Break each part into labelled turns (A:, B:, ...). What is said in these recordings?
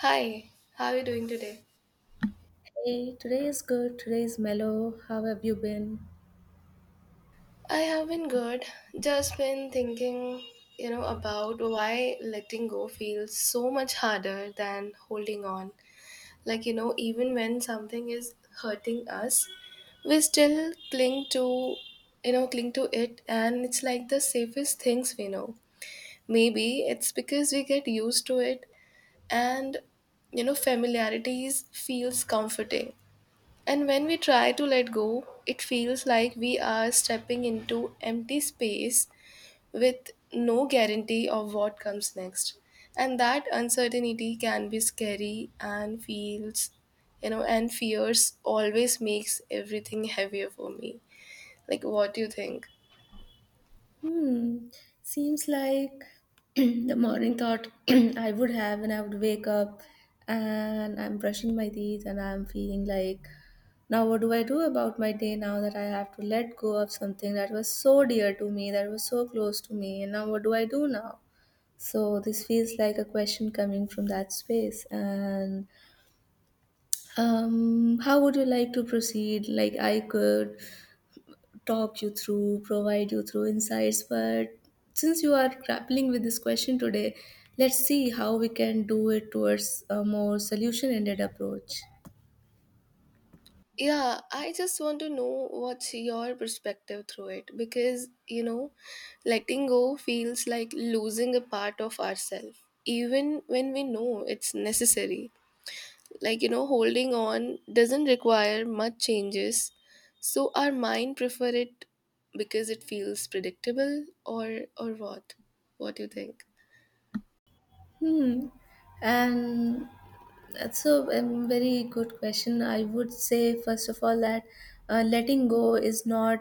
A: Hi, how are you doing today?
B: Hey, today is good. Today is mellow. How have you been?
A: I have been good. Just been thinking, about why letting go feels so much harder than holding on. Like, even when something is hurting us, we still cling to, cling to it, and it's like the safest things we know. Maybe it's because we get used to it and, familiarities feels comforting. And when we try to let go, it feels like we are stepping into empty space with no guarantee of what comes next. And that uncertainty can be scary and feels, and fears always makes everything heavier for me. Like, what do you think?
B: Hmm. Seems like the morning thought I would have when I would wake up and I'm brushing my teeth and I'm feeling like, now what do I do about my day now that I have to let go of something that was so dear to me, that was so close to me, and now what do I do now? So this feels like a question coming from that space. And How would you like to proceed? Like I could talk you through, provide you through insights. But since you are grappling with this question today, let's see how we can do it towards a more solution ended approach.
A: Yeah, I just want to know what's your perspective through it because, letting go feels like losing a part of ourselves, even when we know it's necessary. Like, holding on doesn't require much changes, so our mind prefer it because it feels predictable or what? What do you think?
B: Hmm. And that's a very good question. I would say, first of all, that letting go is not,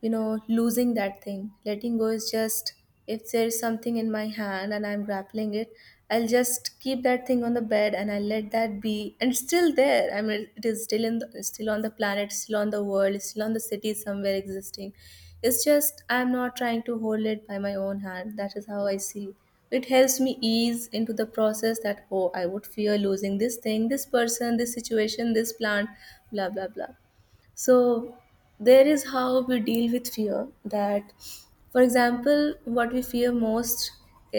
B: you know, losing that thing. Letting go is just if there is something in my hand and I'm grappling it, I'll just keep that thing on the bed and I'll let that be. And it's still there. I mean, it is still still on the planet, still on the world, still on the city somewhere existing. It's just I'm not trying to hold it by my own hand. That is how I see. It helps me ease into the process that, oh, I would fear losing this thing, this person, this situation, this plant, blah, blah, blah. So there is how we deal with fear that, for example, what we fear most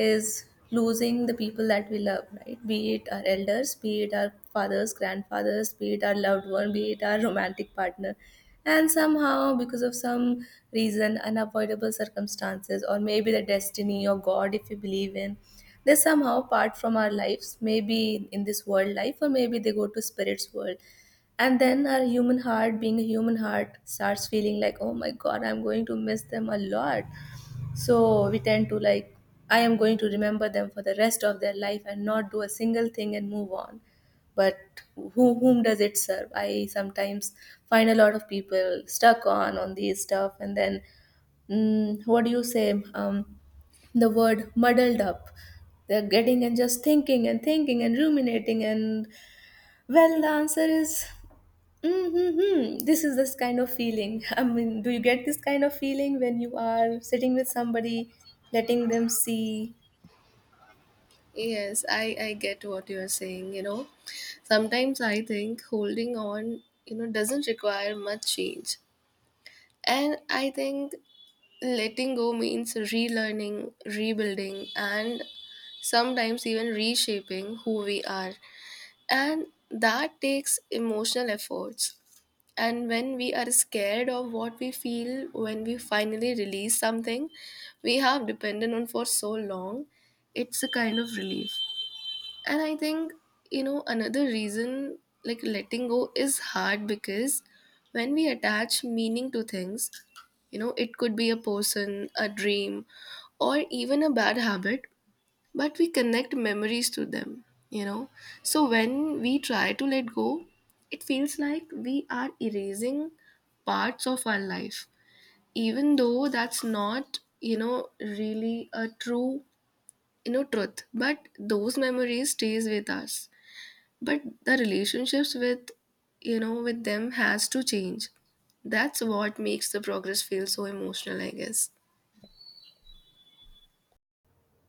B: is losing the people that we love, right? Be it our elders, be it our fathers, grandfathers, be it our loved one, be it our romantic partner, and somehow, because of some reason, unavoidable circumstances, or maybe the destiny or god, if we believe in, they somehow part from our lives, maybe in this world life or maybe they go to spirit's world. And then our human heart, being a human heart, starts feeling like, oh my god, I'm going to miss them a lot. So we tend to like, I am going to remember them for the rest of their life and not do a single thing and move on. But who, whom does it serve? I sometimes find a lot of people stuck on these stuff, and then what do you say? The word muddled up. They're getting and just thinking and thinking and ruminating, and well, the answer is Mm-hmm. This is this kind of feeling. I mean, do you get this kind of feeling when you are sitting with somebody, letting them see,
A: Yes, I get what you're saying. Sometimes I think holding on, doesn't require much change. And I think letting go means relearning, rebuilding, and sometimes even reshaping who we are. And that takes emotional efforts. And when we are scared of what we feel when we finally release something we have depended on for so long, it's a kind of relief. And I think, another reason like letting go is hard because when we attach meaning to things, it could be a person, a dream, or even a bad habit, but we connect memories to them, you know. So when we try to let go, it feels like we are erasing parts of our life, even though that's not, really a true, truth. But those memories stays with us, but the relationships with, with them has to change. That's what makes the progress feel so emotional, I guess.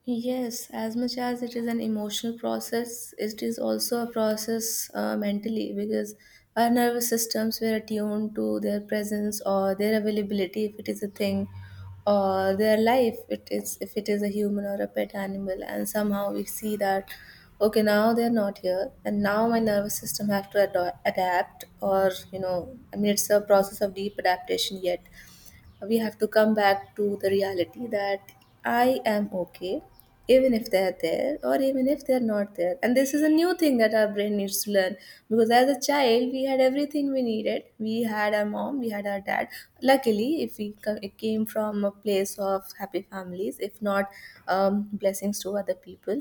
B: yes, as much as it is an emotional process, it is also a process mentally, because our nervous systems were attuned to their presence or their availability if it is a thing, or their life it is if it is a human or a pet animal, and somehow we see that, okay, now they're not here and now my nervous system have to adapt, or you know, I mean it's a process of deep adaptation. Yet we have to come back to the reality that I am okay, even if they're there or even if they're not there. And this is a new thing that our brain needs to learn, because as a child, we had everything we needed. We had our mom, we had our dad. Luckily, if we it came from a place of happy families, if not, blessings to other people.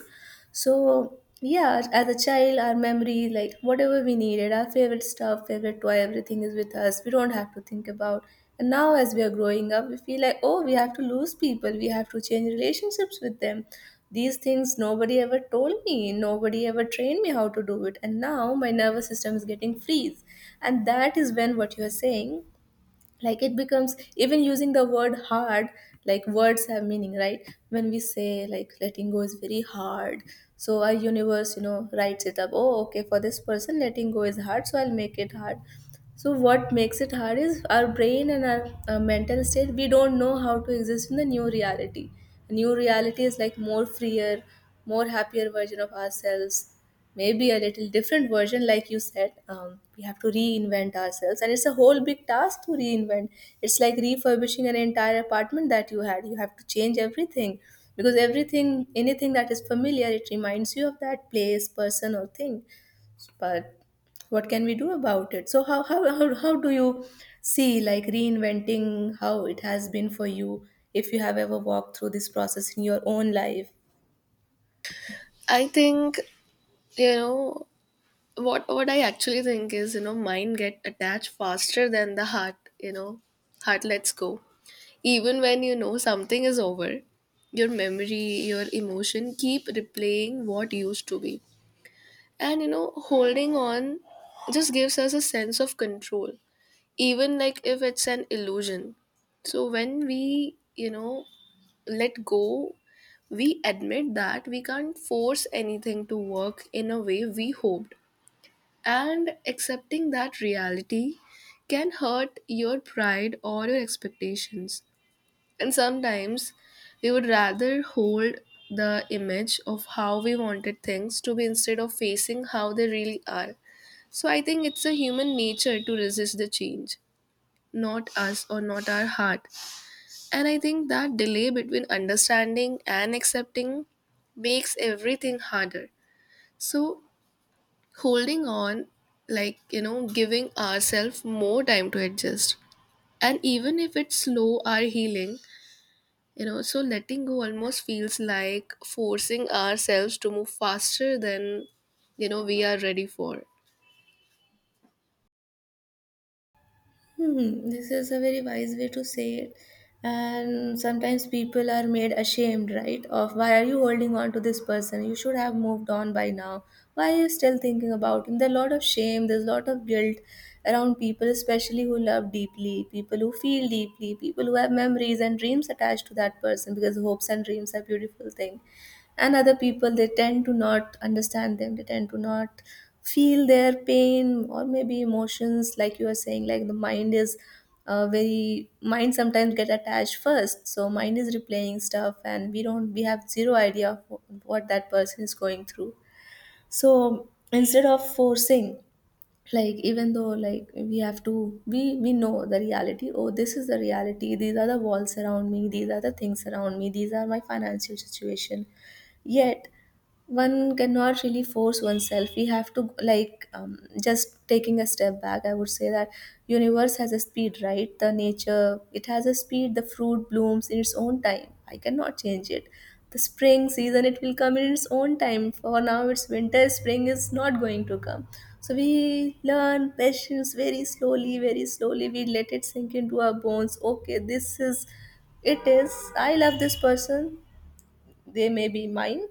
B: So yeah, as a child, our memory, like whatever we needed, our favorite stuff, favorite toy, everything is with us. We don't have to think about. And now, as we are growing up, we feel like, oh, we have to lose people. We have to change relationships with them. These things nobody ever told me. Nobody ever trained me how to do it. And now my nervous system is getting freeze. And that is when what you are saying, like it becomes, even using the word hard, like words have meaning, right? When we say like letting go is very hard, so our universe, you know, writes it up, oh okay, for this person letting go is hard, so I'll make it hard. So what makes it hard is our brain and our mental state. We don't know how to exist in the new reality. New reality is like more freer, more happier version of ourselves, maybe a little different version, like you said. We have to reinvent ourselves, and it's a whole big task to reinvent. It's like refurbishing an entire apartment that you had. You have to change everything, because everything, anything that is familiar, it reminds you of that place, person or thing. But what can we do about it? So how do you see like reinventing, how it has been for you, if you have ever walked through this process in your own life?
A: I think, you know what I actually think is, mind get attached faster than the heart. Heart lets go even when, something is over. Your memory, your emotion keep replaying what used to be. And, holding on just gives us a sense of control, even like if it's an illusion. So when we, let go, we admit that we can't force anything to work in a way we hoped. And accepting that reality can hurt your pride or your expectations. And sometimes we would rather hold the image of how we wanted things to be instead of facing how they really are. So I think it's a human nature to resist the change, not us or not our heart. And I think that delay between understanding and accepting makes everything harder. So, holding on, like, giving ourselves more time to adjust. And even if it's slow, our healing, so letting go almost feels like forcing ourselves to move faster than, we are ready for.
B: Hmm, this is a very wise way to say it. And sometimes people are made ashamed, right? Of why are you holding on to this person? You should have moved on by now. Why are you still thinking about him? There's a lot of shame, there's a lot of guilt around people, especially who love deeply, people who feel deeply, people who have memories and dreams attached to that person, because hopes and dreams are beautiful thing, and other people, they tend to not understand them, they tend to not feel their pain or maybe emotions, like you are saying, like the mind is, very mind sometimes get attached first, so mind is replaying stuff, and we don't, we have zero idea of what that person is going through. So instead of forcing, like, even though, like, we have to, we know the reality, oh this is the reality, these are the walls around me, these are the things around me, these are my financial situation, yet one cannot really force oneself. We have to like, just taking a step back, I would say that universe has a speed, right? The nature, it has a speed. The fruit blooms in its own time, I cannot change it. The spring season, it will come in its own time. For now it's winter, spring is not going to come. So we learn patience very slowly, very slowly we let it sink into our bones. Okay, this is, it is, I love this person, they may be mine.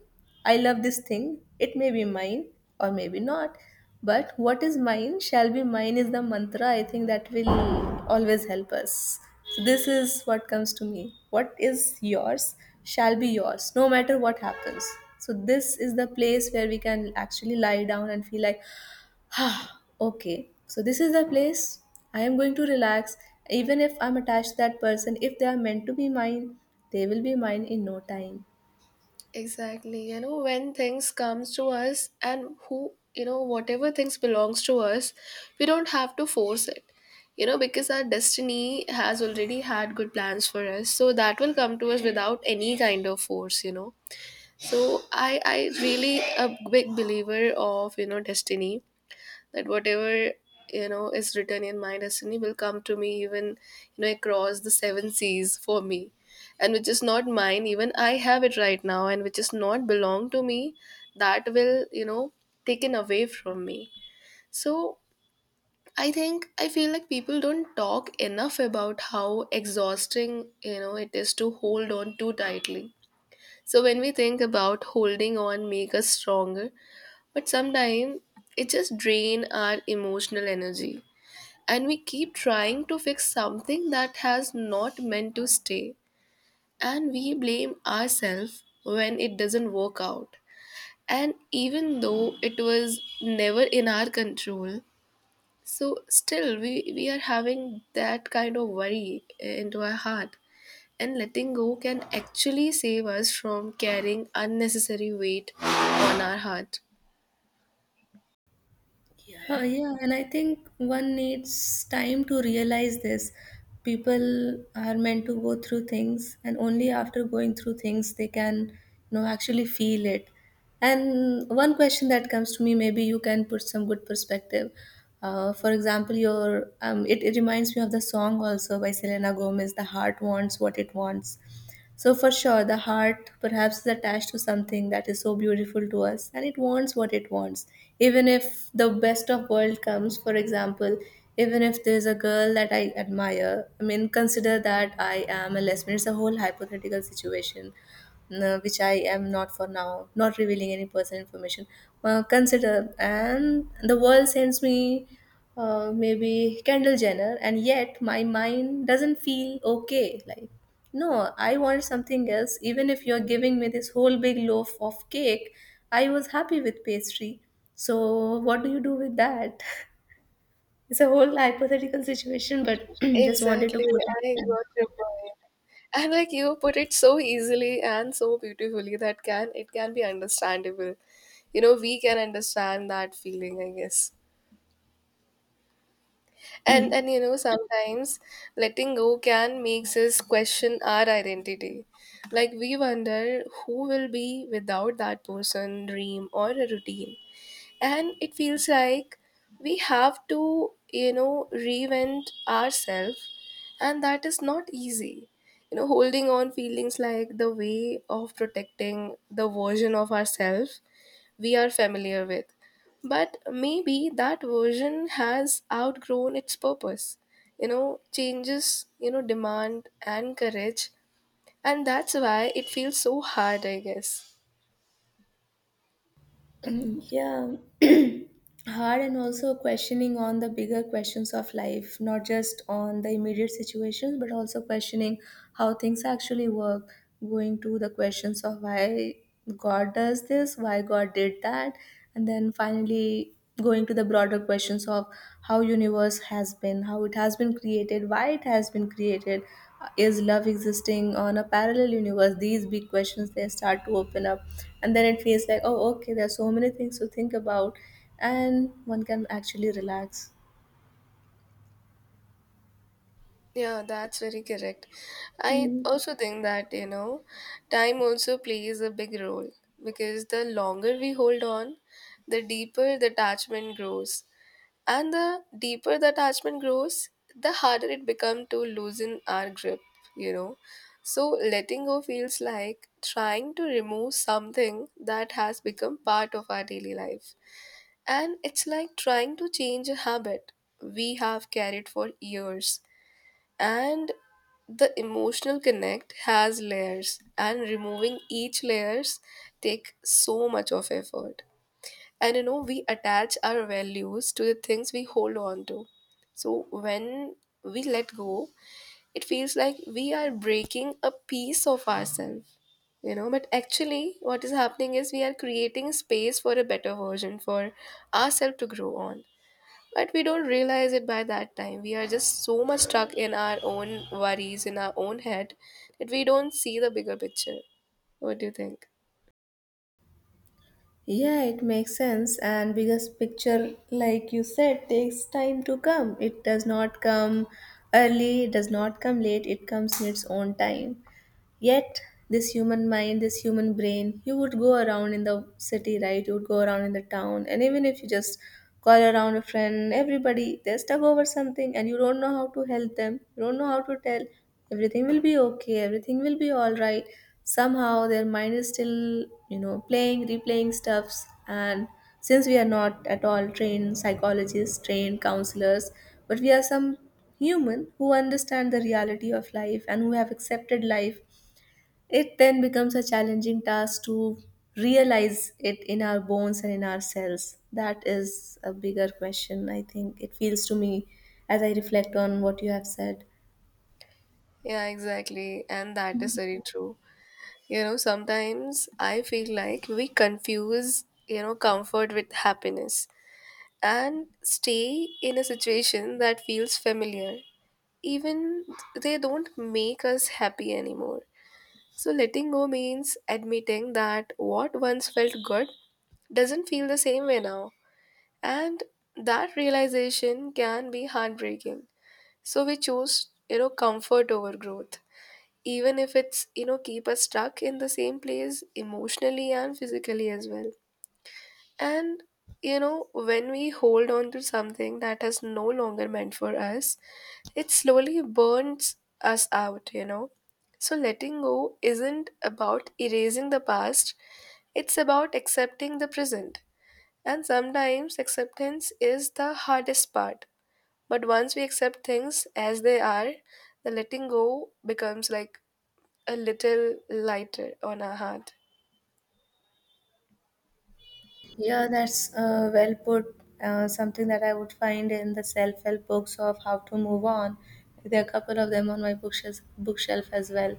B: I love this thing, it may be mine, or maybe not. But what is mine shall be mine is the mantra, I think, that will always help us. So this is what comes to me: what is yours shall be yours, no matter what happens. So this is the place where we can actually lie down and feel like, okay, so this is the place I am going to relax. Even if I'm attached to that person, if they are meant to be mine, they will be mine in no time.
A: Exactly. When things comes to us and who, whatever things belongs to us, we don't have to force it. Because our destiny has already had good plans for us. So that will come to us without any kind of force. So I really a big believer of, destiny, that whatever is written in my destiny will come to me, even across the seven seas for me. And which is not mine even I have it right now, and which is not belong to me, that will, taken away from me. So I think I feel like people don't talk enough about how exhausting, it is to hold on too tightly. So when we think about holding on make us stronger, but sometimes it just drain our emotional energy, and we keep trying to fix something that has not meant to stay, and we blame ourselves when it doesn't work out, and even though it was never in our control. So still we are having that kind of worry into our heart. And letting go can actually save us from carrying unnecessary weight on our heart.
B: Yeah, yeah, and I think one needs time to realize this. People are meant to go through things, and only after going through things they can, you know, actually feel it. And one question that comes to me, maybe you can put some good perspective. For example, it reminds me of the song also by Selena Gomez, "The Heart Wants What It Wants." So, for sure, the heart perhaps is attached to something that is so beautiful to us and it wants what it wants. Even if the best of world comes, for example, even if there's a girl that I admire, I mean, consider that I am a lesbian. It's a whole hypothetical situation, no, which I am not, for now not revealing any personal information. Consider, and the world sends me maybe Kendall Jenner, and yet my mind doesn't feel okay. Like, no, I want something else. Even if you're giving me this whole big loaf of cake, I was happy with pastry. So, what do you do with that? It's a whole hypothetical situation, but just wanted to
A: Exactly,
B: put
A: I
B: it.
A: got your point. And like you put it so easily and so beautifully, that can, it can be understandable. We can understand that feeling, I guess. And sometimes letting go can makes us question our identity, like we wonder who will be without that person, dream, or a routine. And it feels like we have to, reinvent ourselves, and that is not easy. Holding on feelings like the way of protecting the version of ourselves we are familiar with, but maybe that version has outgrown its purpose. Changes, demand and courage, and that's why it feels so hard, I guess.
B: Yeah, hard, and also questioning on the bigger questions of life, not just on the immediate situations but also questioning how things actually work, going to the questions of why god does this, why god did that, and then finally going to the broader questions of how universe has been, how it has been created, why it has been created, is love existing on a parallel universe. These big questions, they start to open up, and then it feels like, oh okay, there are so many things to think about, and one can actually relax.
A: Yeah, that's very correct. I
B: Hmm.
A: also think that, time also plays a big role, because the longer we hold on, the deeper the attachment grows. And the deeper the attachment grows, the harder it becomes to loosen our grip, you know. So letting go feels like trying to remove something that has become part of our daily life. And it's like trying to change a habit we have carried for years, and the emotional connect has layers, and removing each layers take so much of effort. And, we attach our values to the things we hold on to. So when we let go, it feels like we are breaking a piece of ourselves, but actually what is happening is we are creating space for a better version for ourselves to grow on. But we don't realize it by that time. We are just so much stuck in our own worries, in our own head, that we don't see the bigger picture. What do you think?
B: Yeah, it makes sense. And biggest picture, like you said, takes time to come. It does not come early, it does not come late, it comes in its own time. Yet, this human mind, this human brain, you would go around in the city, right? You would go around in the town, and even if you just call around a friend, everybody they're stuck over something, and you don't know how to help them. You don't know how to tell everything will be okay, everything will be all right. Somehow, their mind is still, playing, replaying stuffs, and since we are not at all trained psychologists, trained counselors, but we are some human who understand the reality of life and who have accepted life, it then becomes a challenging task to realize it in our bones and in ourselves. That is a bigger question, I think. It feels to me as I reflect on what you have said.
A: Yeah, exactly. And that is very true. Sometimes I feel like we confuse, comfort with happiness, and stay in a situation that feels familiar. Even they don't make us happy anymore. So letting go means admitting that what once felt good doesn't feel the same way now. And that realization can be heartbreaking. So we choose, comfort over growth, even if it's, keep us stuck in the same place emotionally and physically as well. And, when we hold on to something that is no longer meant for us, it slowly burns us out. So letting go isn't about erasing the past, it's about accepting the present. And sometimes acceptance is the hardest part. But once we accept things as they are, the letting go becomes like a little lighter on our heart.
B: Yeah, that's well put. Something that I would find in the self-help books of how to move on. There are a couple of them on my bookshelf as well.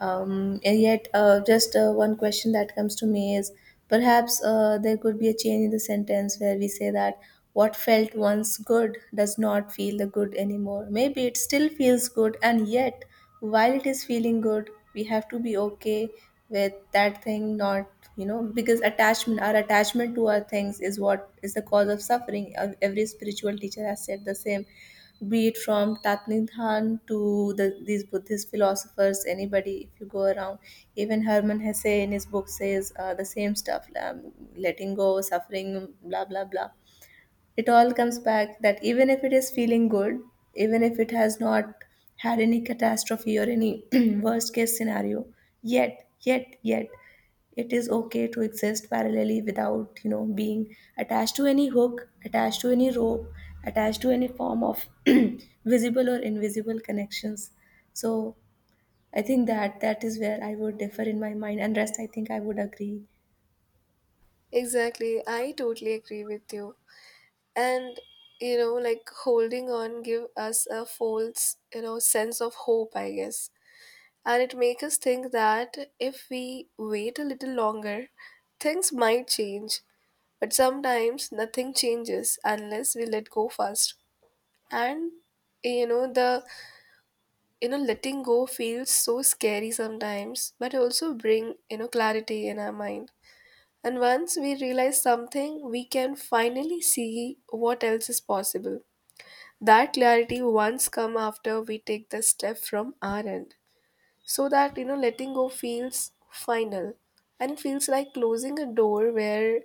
B: And yet, just one question that comes to me is perhaps there could be a change in the sentence where we say that what felt once good does not feel the good anymore. Maybe it still feels good, and yet while it is feeling good we have to be okay with that thing not, you know, because attachment, our attachment to our things is what is the cause of suffering. Every spiritual teacher has said the same, be it from Tatnidhan to these Buddhist philosophers, anybody, if you go around, even Herman Hesse in his book says the same stuff, letting go, suffering, blah, blah, blah. It all comes back that even if it is feeling good, even if it has not had any catastrophe or any worst case scenario, yet, it is okay to exist parallelly without, you know, being attached to any hook, attached to any rope, attached to any form of visible or invisible connections. So I think that is where I would differ in my mind, and rest I think I would agree.
A: Exactly, I totally agree with you. And like holding on give us a false, sense of hope, I guess. And it makes us think that if we wait a little longer, things might change. But sometimes nothing changes unless we let go first. And the, letting go feels so scary sometimes, but also bring, clarity in our mind. And once we realize something, we can finally see what else is possible. That clarity once come after we take the step from our end. So that, letting go feels final, and it feels like closing a door where,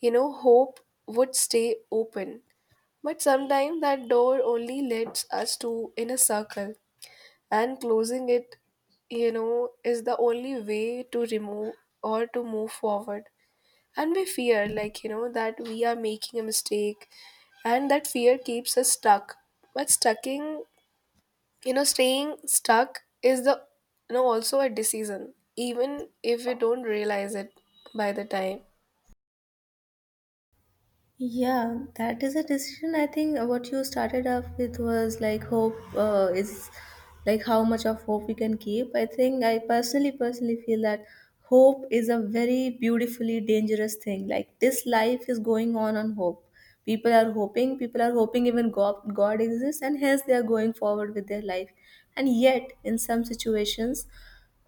A: hope would stay open. But sometimes that door only leads us to in a circle, and closing it, is the only way to remove or to move forward. And we fear like, that we are making a mistake, and that fear keeps us stuck. But stucking, staying stuck is the, also a decision, even if we don't realize it by the time.
B: Yeah, that is a decision. I think what you started off with was like hope is like how much of hope we can keep. I think I personally feel that hope is a very beautifully dangerous thing. Like this life is going on hope. People are hoping even God, God exists, and hence they are going forward with their life. And yet, in some situations,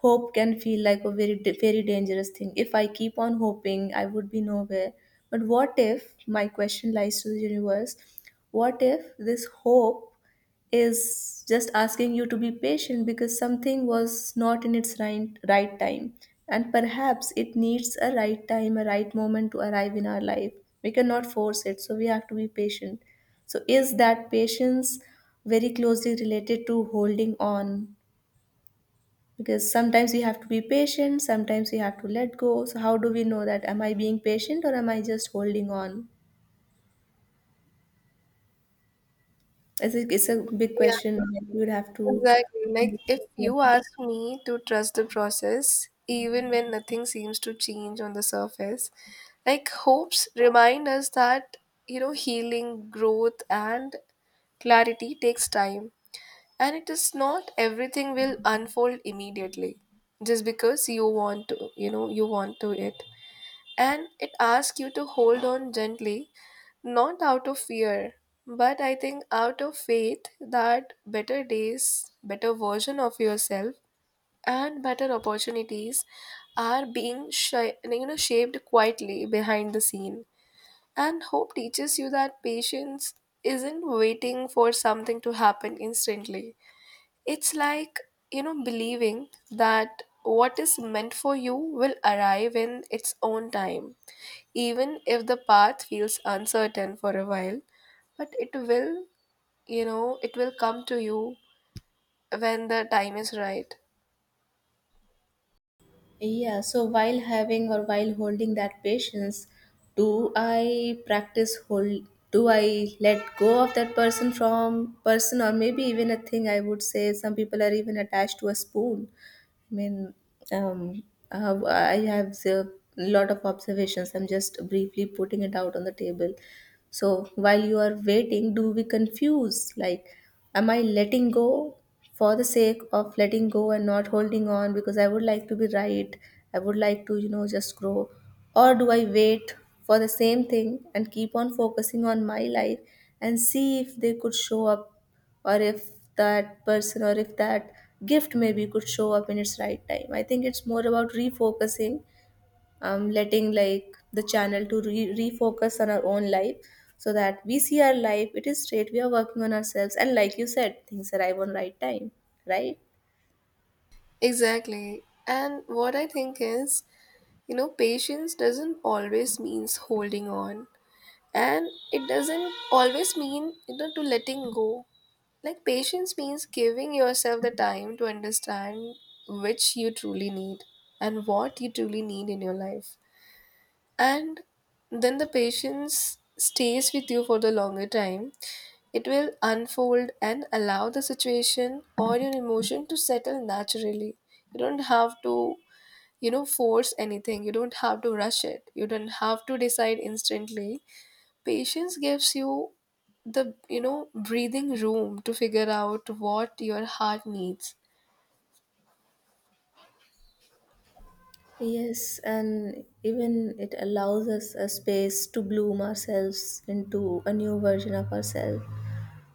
B: hope can feel like a very dangerous thing. If I keep on hoping I would be nowhere, but what if my question lies to the universe? What if this hope is just asking you to be patient because something was not in its right time, and perhaps it needs a right time, a right moment to arrive in our life? We cannot force it, so we have to be patient. So is that patience very closely related to holding on? Because sometimes we have to be patient, sometimes we have to let go, so how do we know that am I being patient or am I just holding on? I think it's a big question that you would have to.
A: Exactly. Like, if
B: Yeah.
A: you ask me to trust the process, even when nothing seems to change on the surface, like, hopes remind us that, healing, growth, and clarity takes time. And it is not everything will unfold immediately just because you want to, you want to it. And it asks you to hold on gently, not out of fear, but I think out of faith that better days, better version of yourself, and better opportunities are being shaped quietly behind the scene. And hope teaches you that patience isn't waiting for something to happen instantly. It's like, believing that what is meant for you will arrive in its own time, even if the path feels uncertain for a while, but it will, it will come to you when the time is right.
B: Yeah, so while having or while holding that patience, do I practice hold, do I let go of that person from person, or maybe even a thing? I would say some people are even attached to a spoon. I mean, um, I have a lot of observations. I'm just briefly putting it out on the table. So while you are waiting, do we confuse? Like, am I letting go for the sake of letting go and not holding on because I would like to be right? I would like to, you know, just grow. Or do I wait for the same thing and keep on focusing on my life and see if they could show up, or if that person or if that gift maybe could show up in its right time? I think it's more about refocusing, letting like the channel to refocus on our own life, so that we see our life, it is straight, we are working on ourselves, and like you said, things arrive on right time, right?
A: Exactly, and what I think is, patience doesn't always means holding on, and it doesn't always mean, to letting go. Like, patience means giving yourself the time to understand which you truly need and what you truly need in your life. And then the patience stays with you for the longer time. It will unfold and allow the situation or your emotion to settle naturally. You don't have to, force anything, you don't have to rush it, you don't have to decide instantly. Patience gives you the, breathing room to figure out what your heart needs.
B: Yes, and even it allows us a space to bloom ourselves into a new version of ourselves.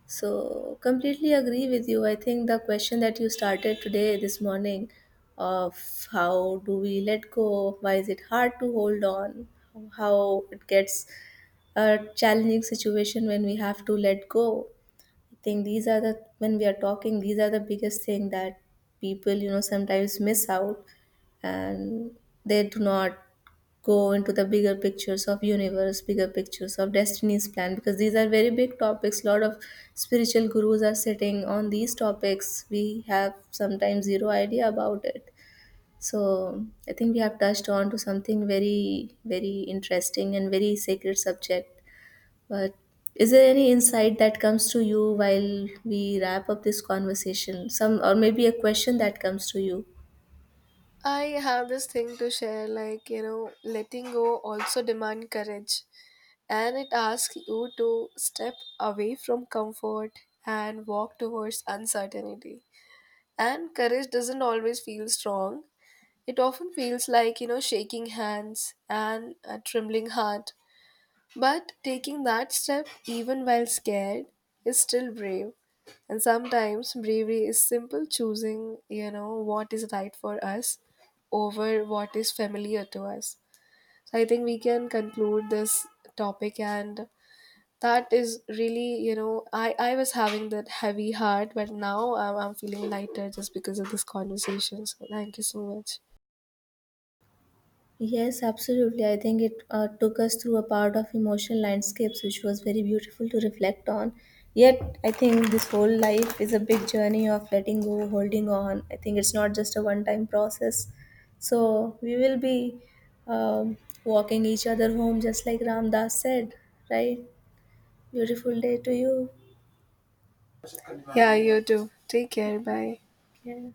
B: So, completely agree with you. I think the question that you started today, this morning, of how do we let go, why is it hard to hold on, how it gets a challenging situation when we have to let go. I think these are the, when we are talking, these are the biggest thing that people, you know, sometimes miss out, and they do not go into the bigger pictures of universe, bigger pictures of destiny's plan, because these are very big topics, lot of spiritual gurus are sitting on these topics, we have sometimes zero idea about it. So I think we have touched on to something very very interesting and very sacred subject, but is there any insight that comes to you while we wrap up this conversation, some or maybe a question that comes to you?
A: I have this thing to share, like, letting go also demand courage, and it asks you to step away from comfort and walk towards uncertainty. And courage doesn't always feel strong. It often feels like, shaking hands and a trembling heart. But taking that step, even while scared, is still brave. And sometimes bravery is simple choosing, what is right for us over what is familiar to us. So I think we can conclude this topic, and that is really, I was having that heavy heart, but now I'm feeling lighter just because of this conversation. So thank you so much.
B: Yes, absolutely. I think it took us through a part of emotional landscapes, which was very beautiful to reflect on. Yet, I think this whole life is a big journey of letting go, holding on. I think it's not just a one time process. So, we will be, um, walking each other home, just like Ramdas said, right? Beautiful day to you.
A: Yeah, you too. Take care. Bye.
B: Yeah.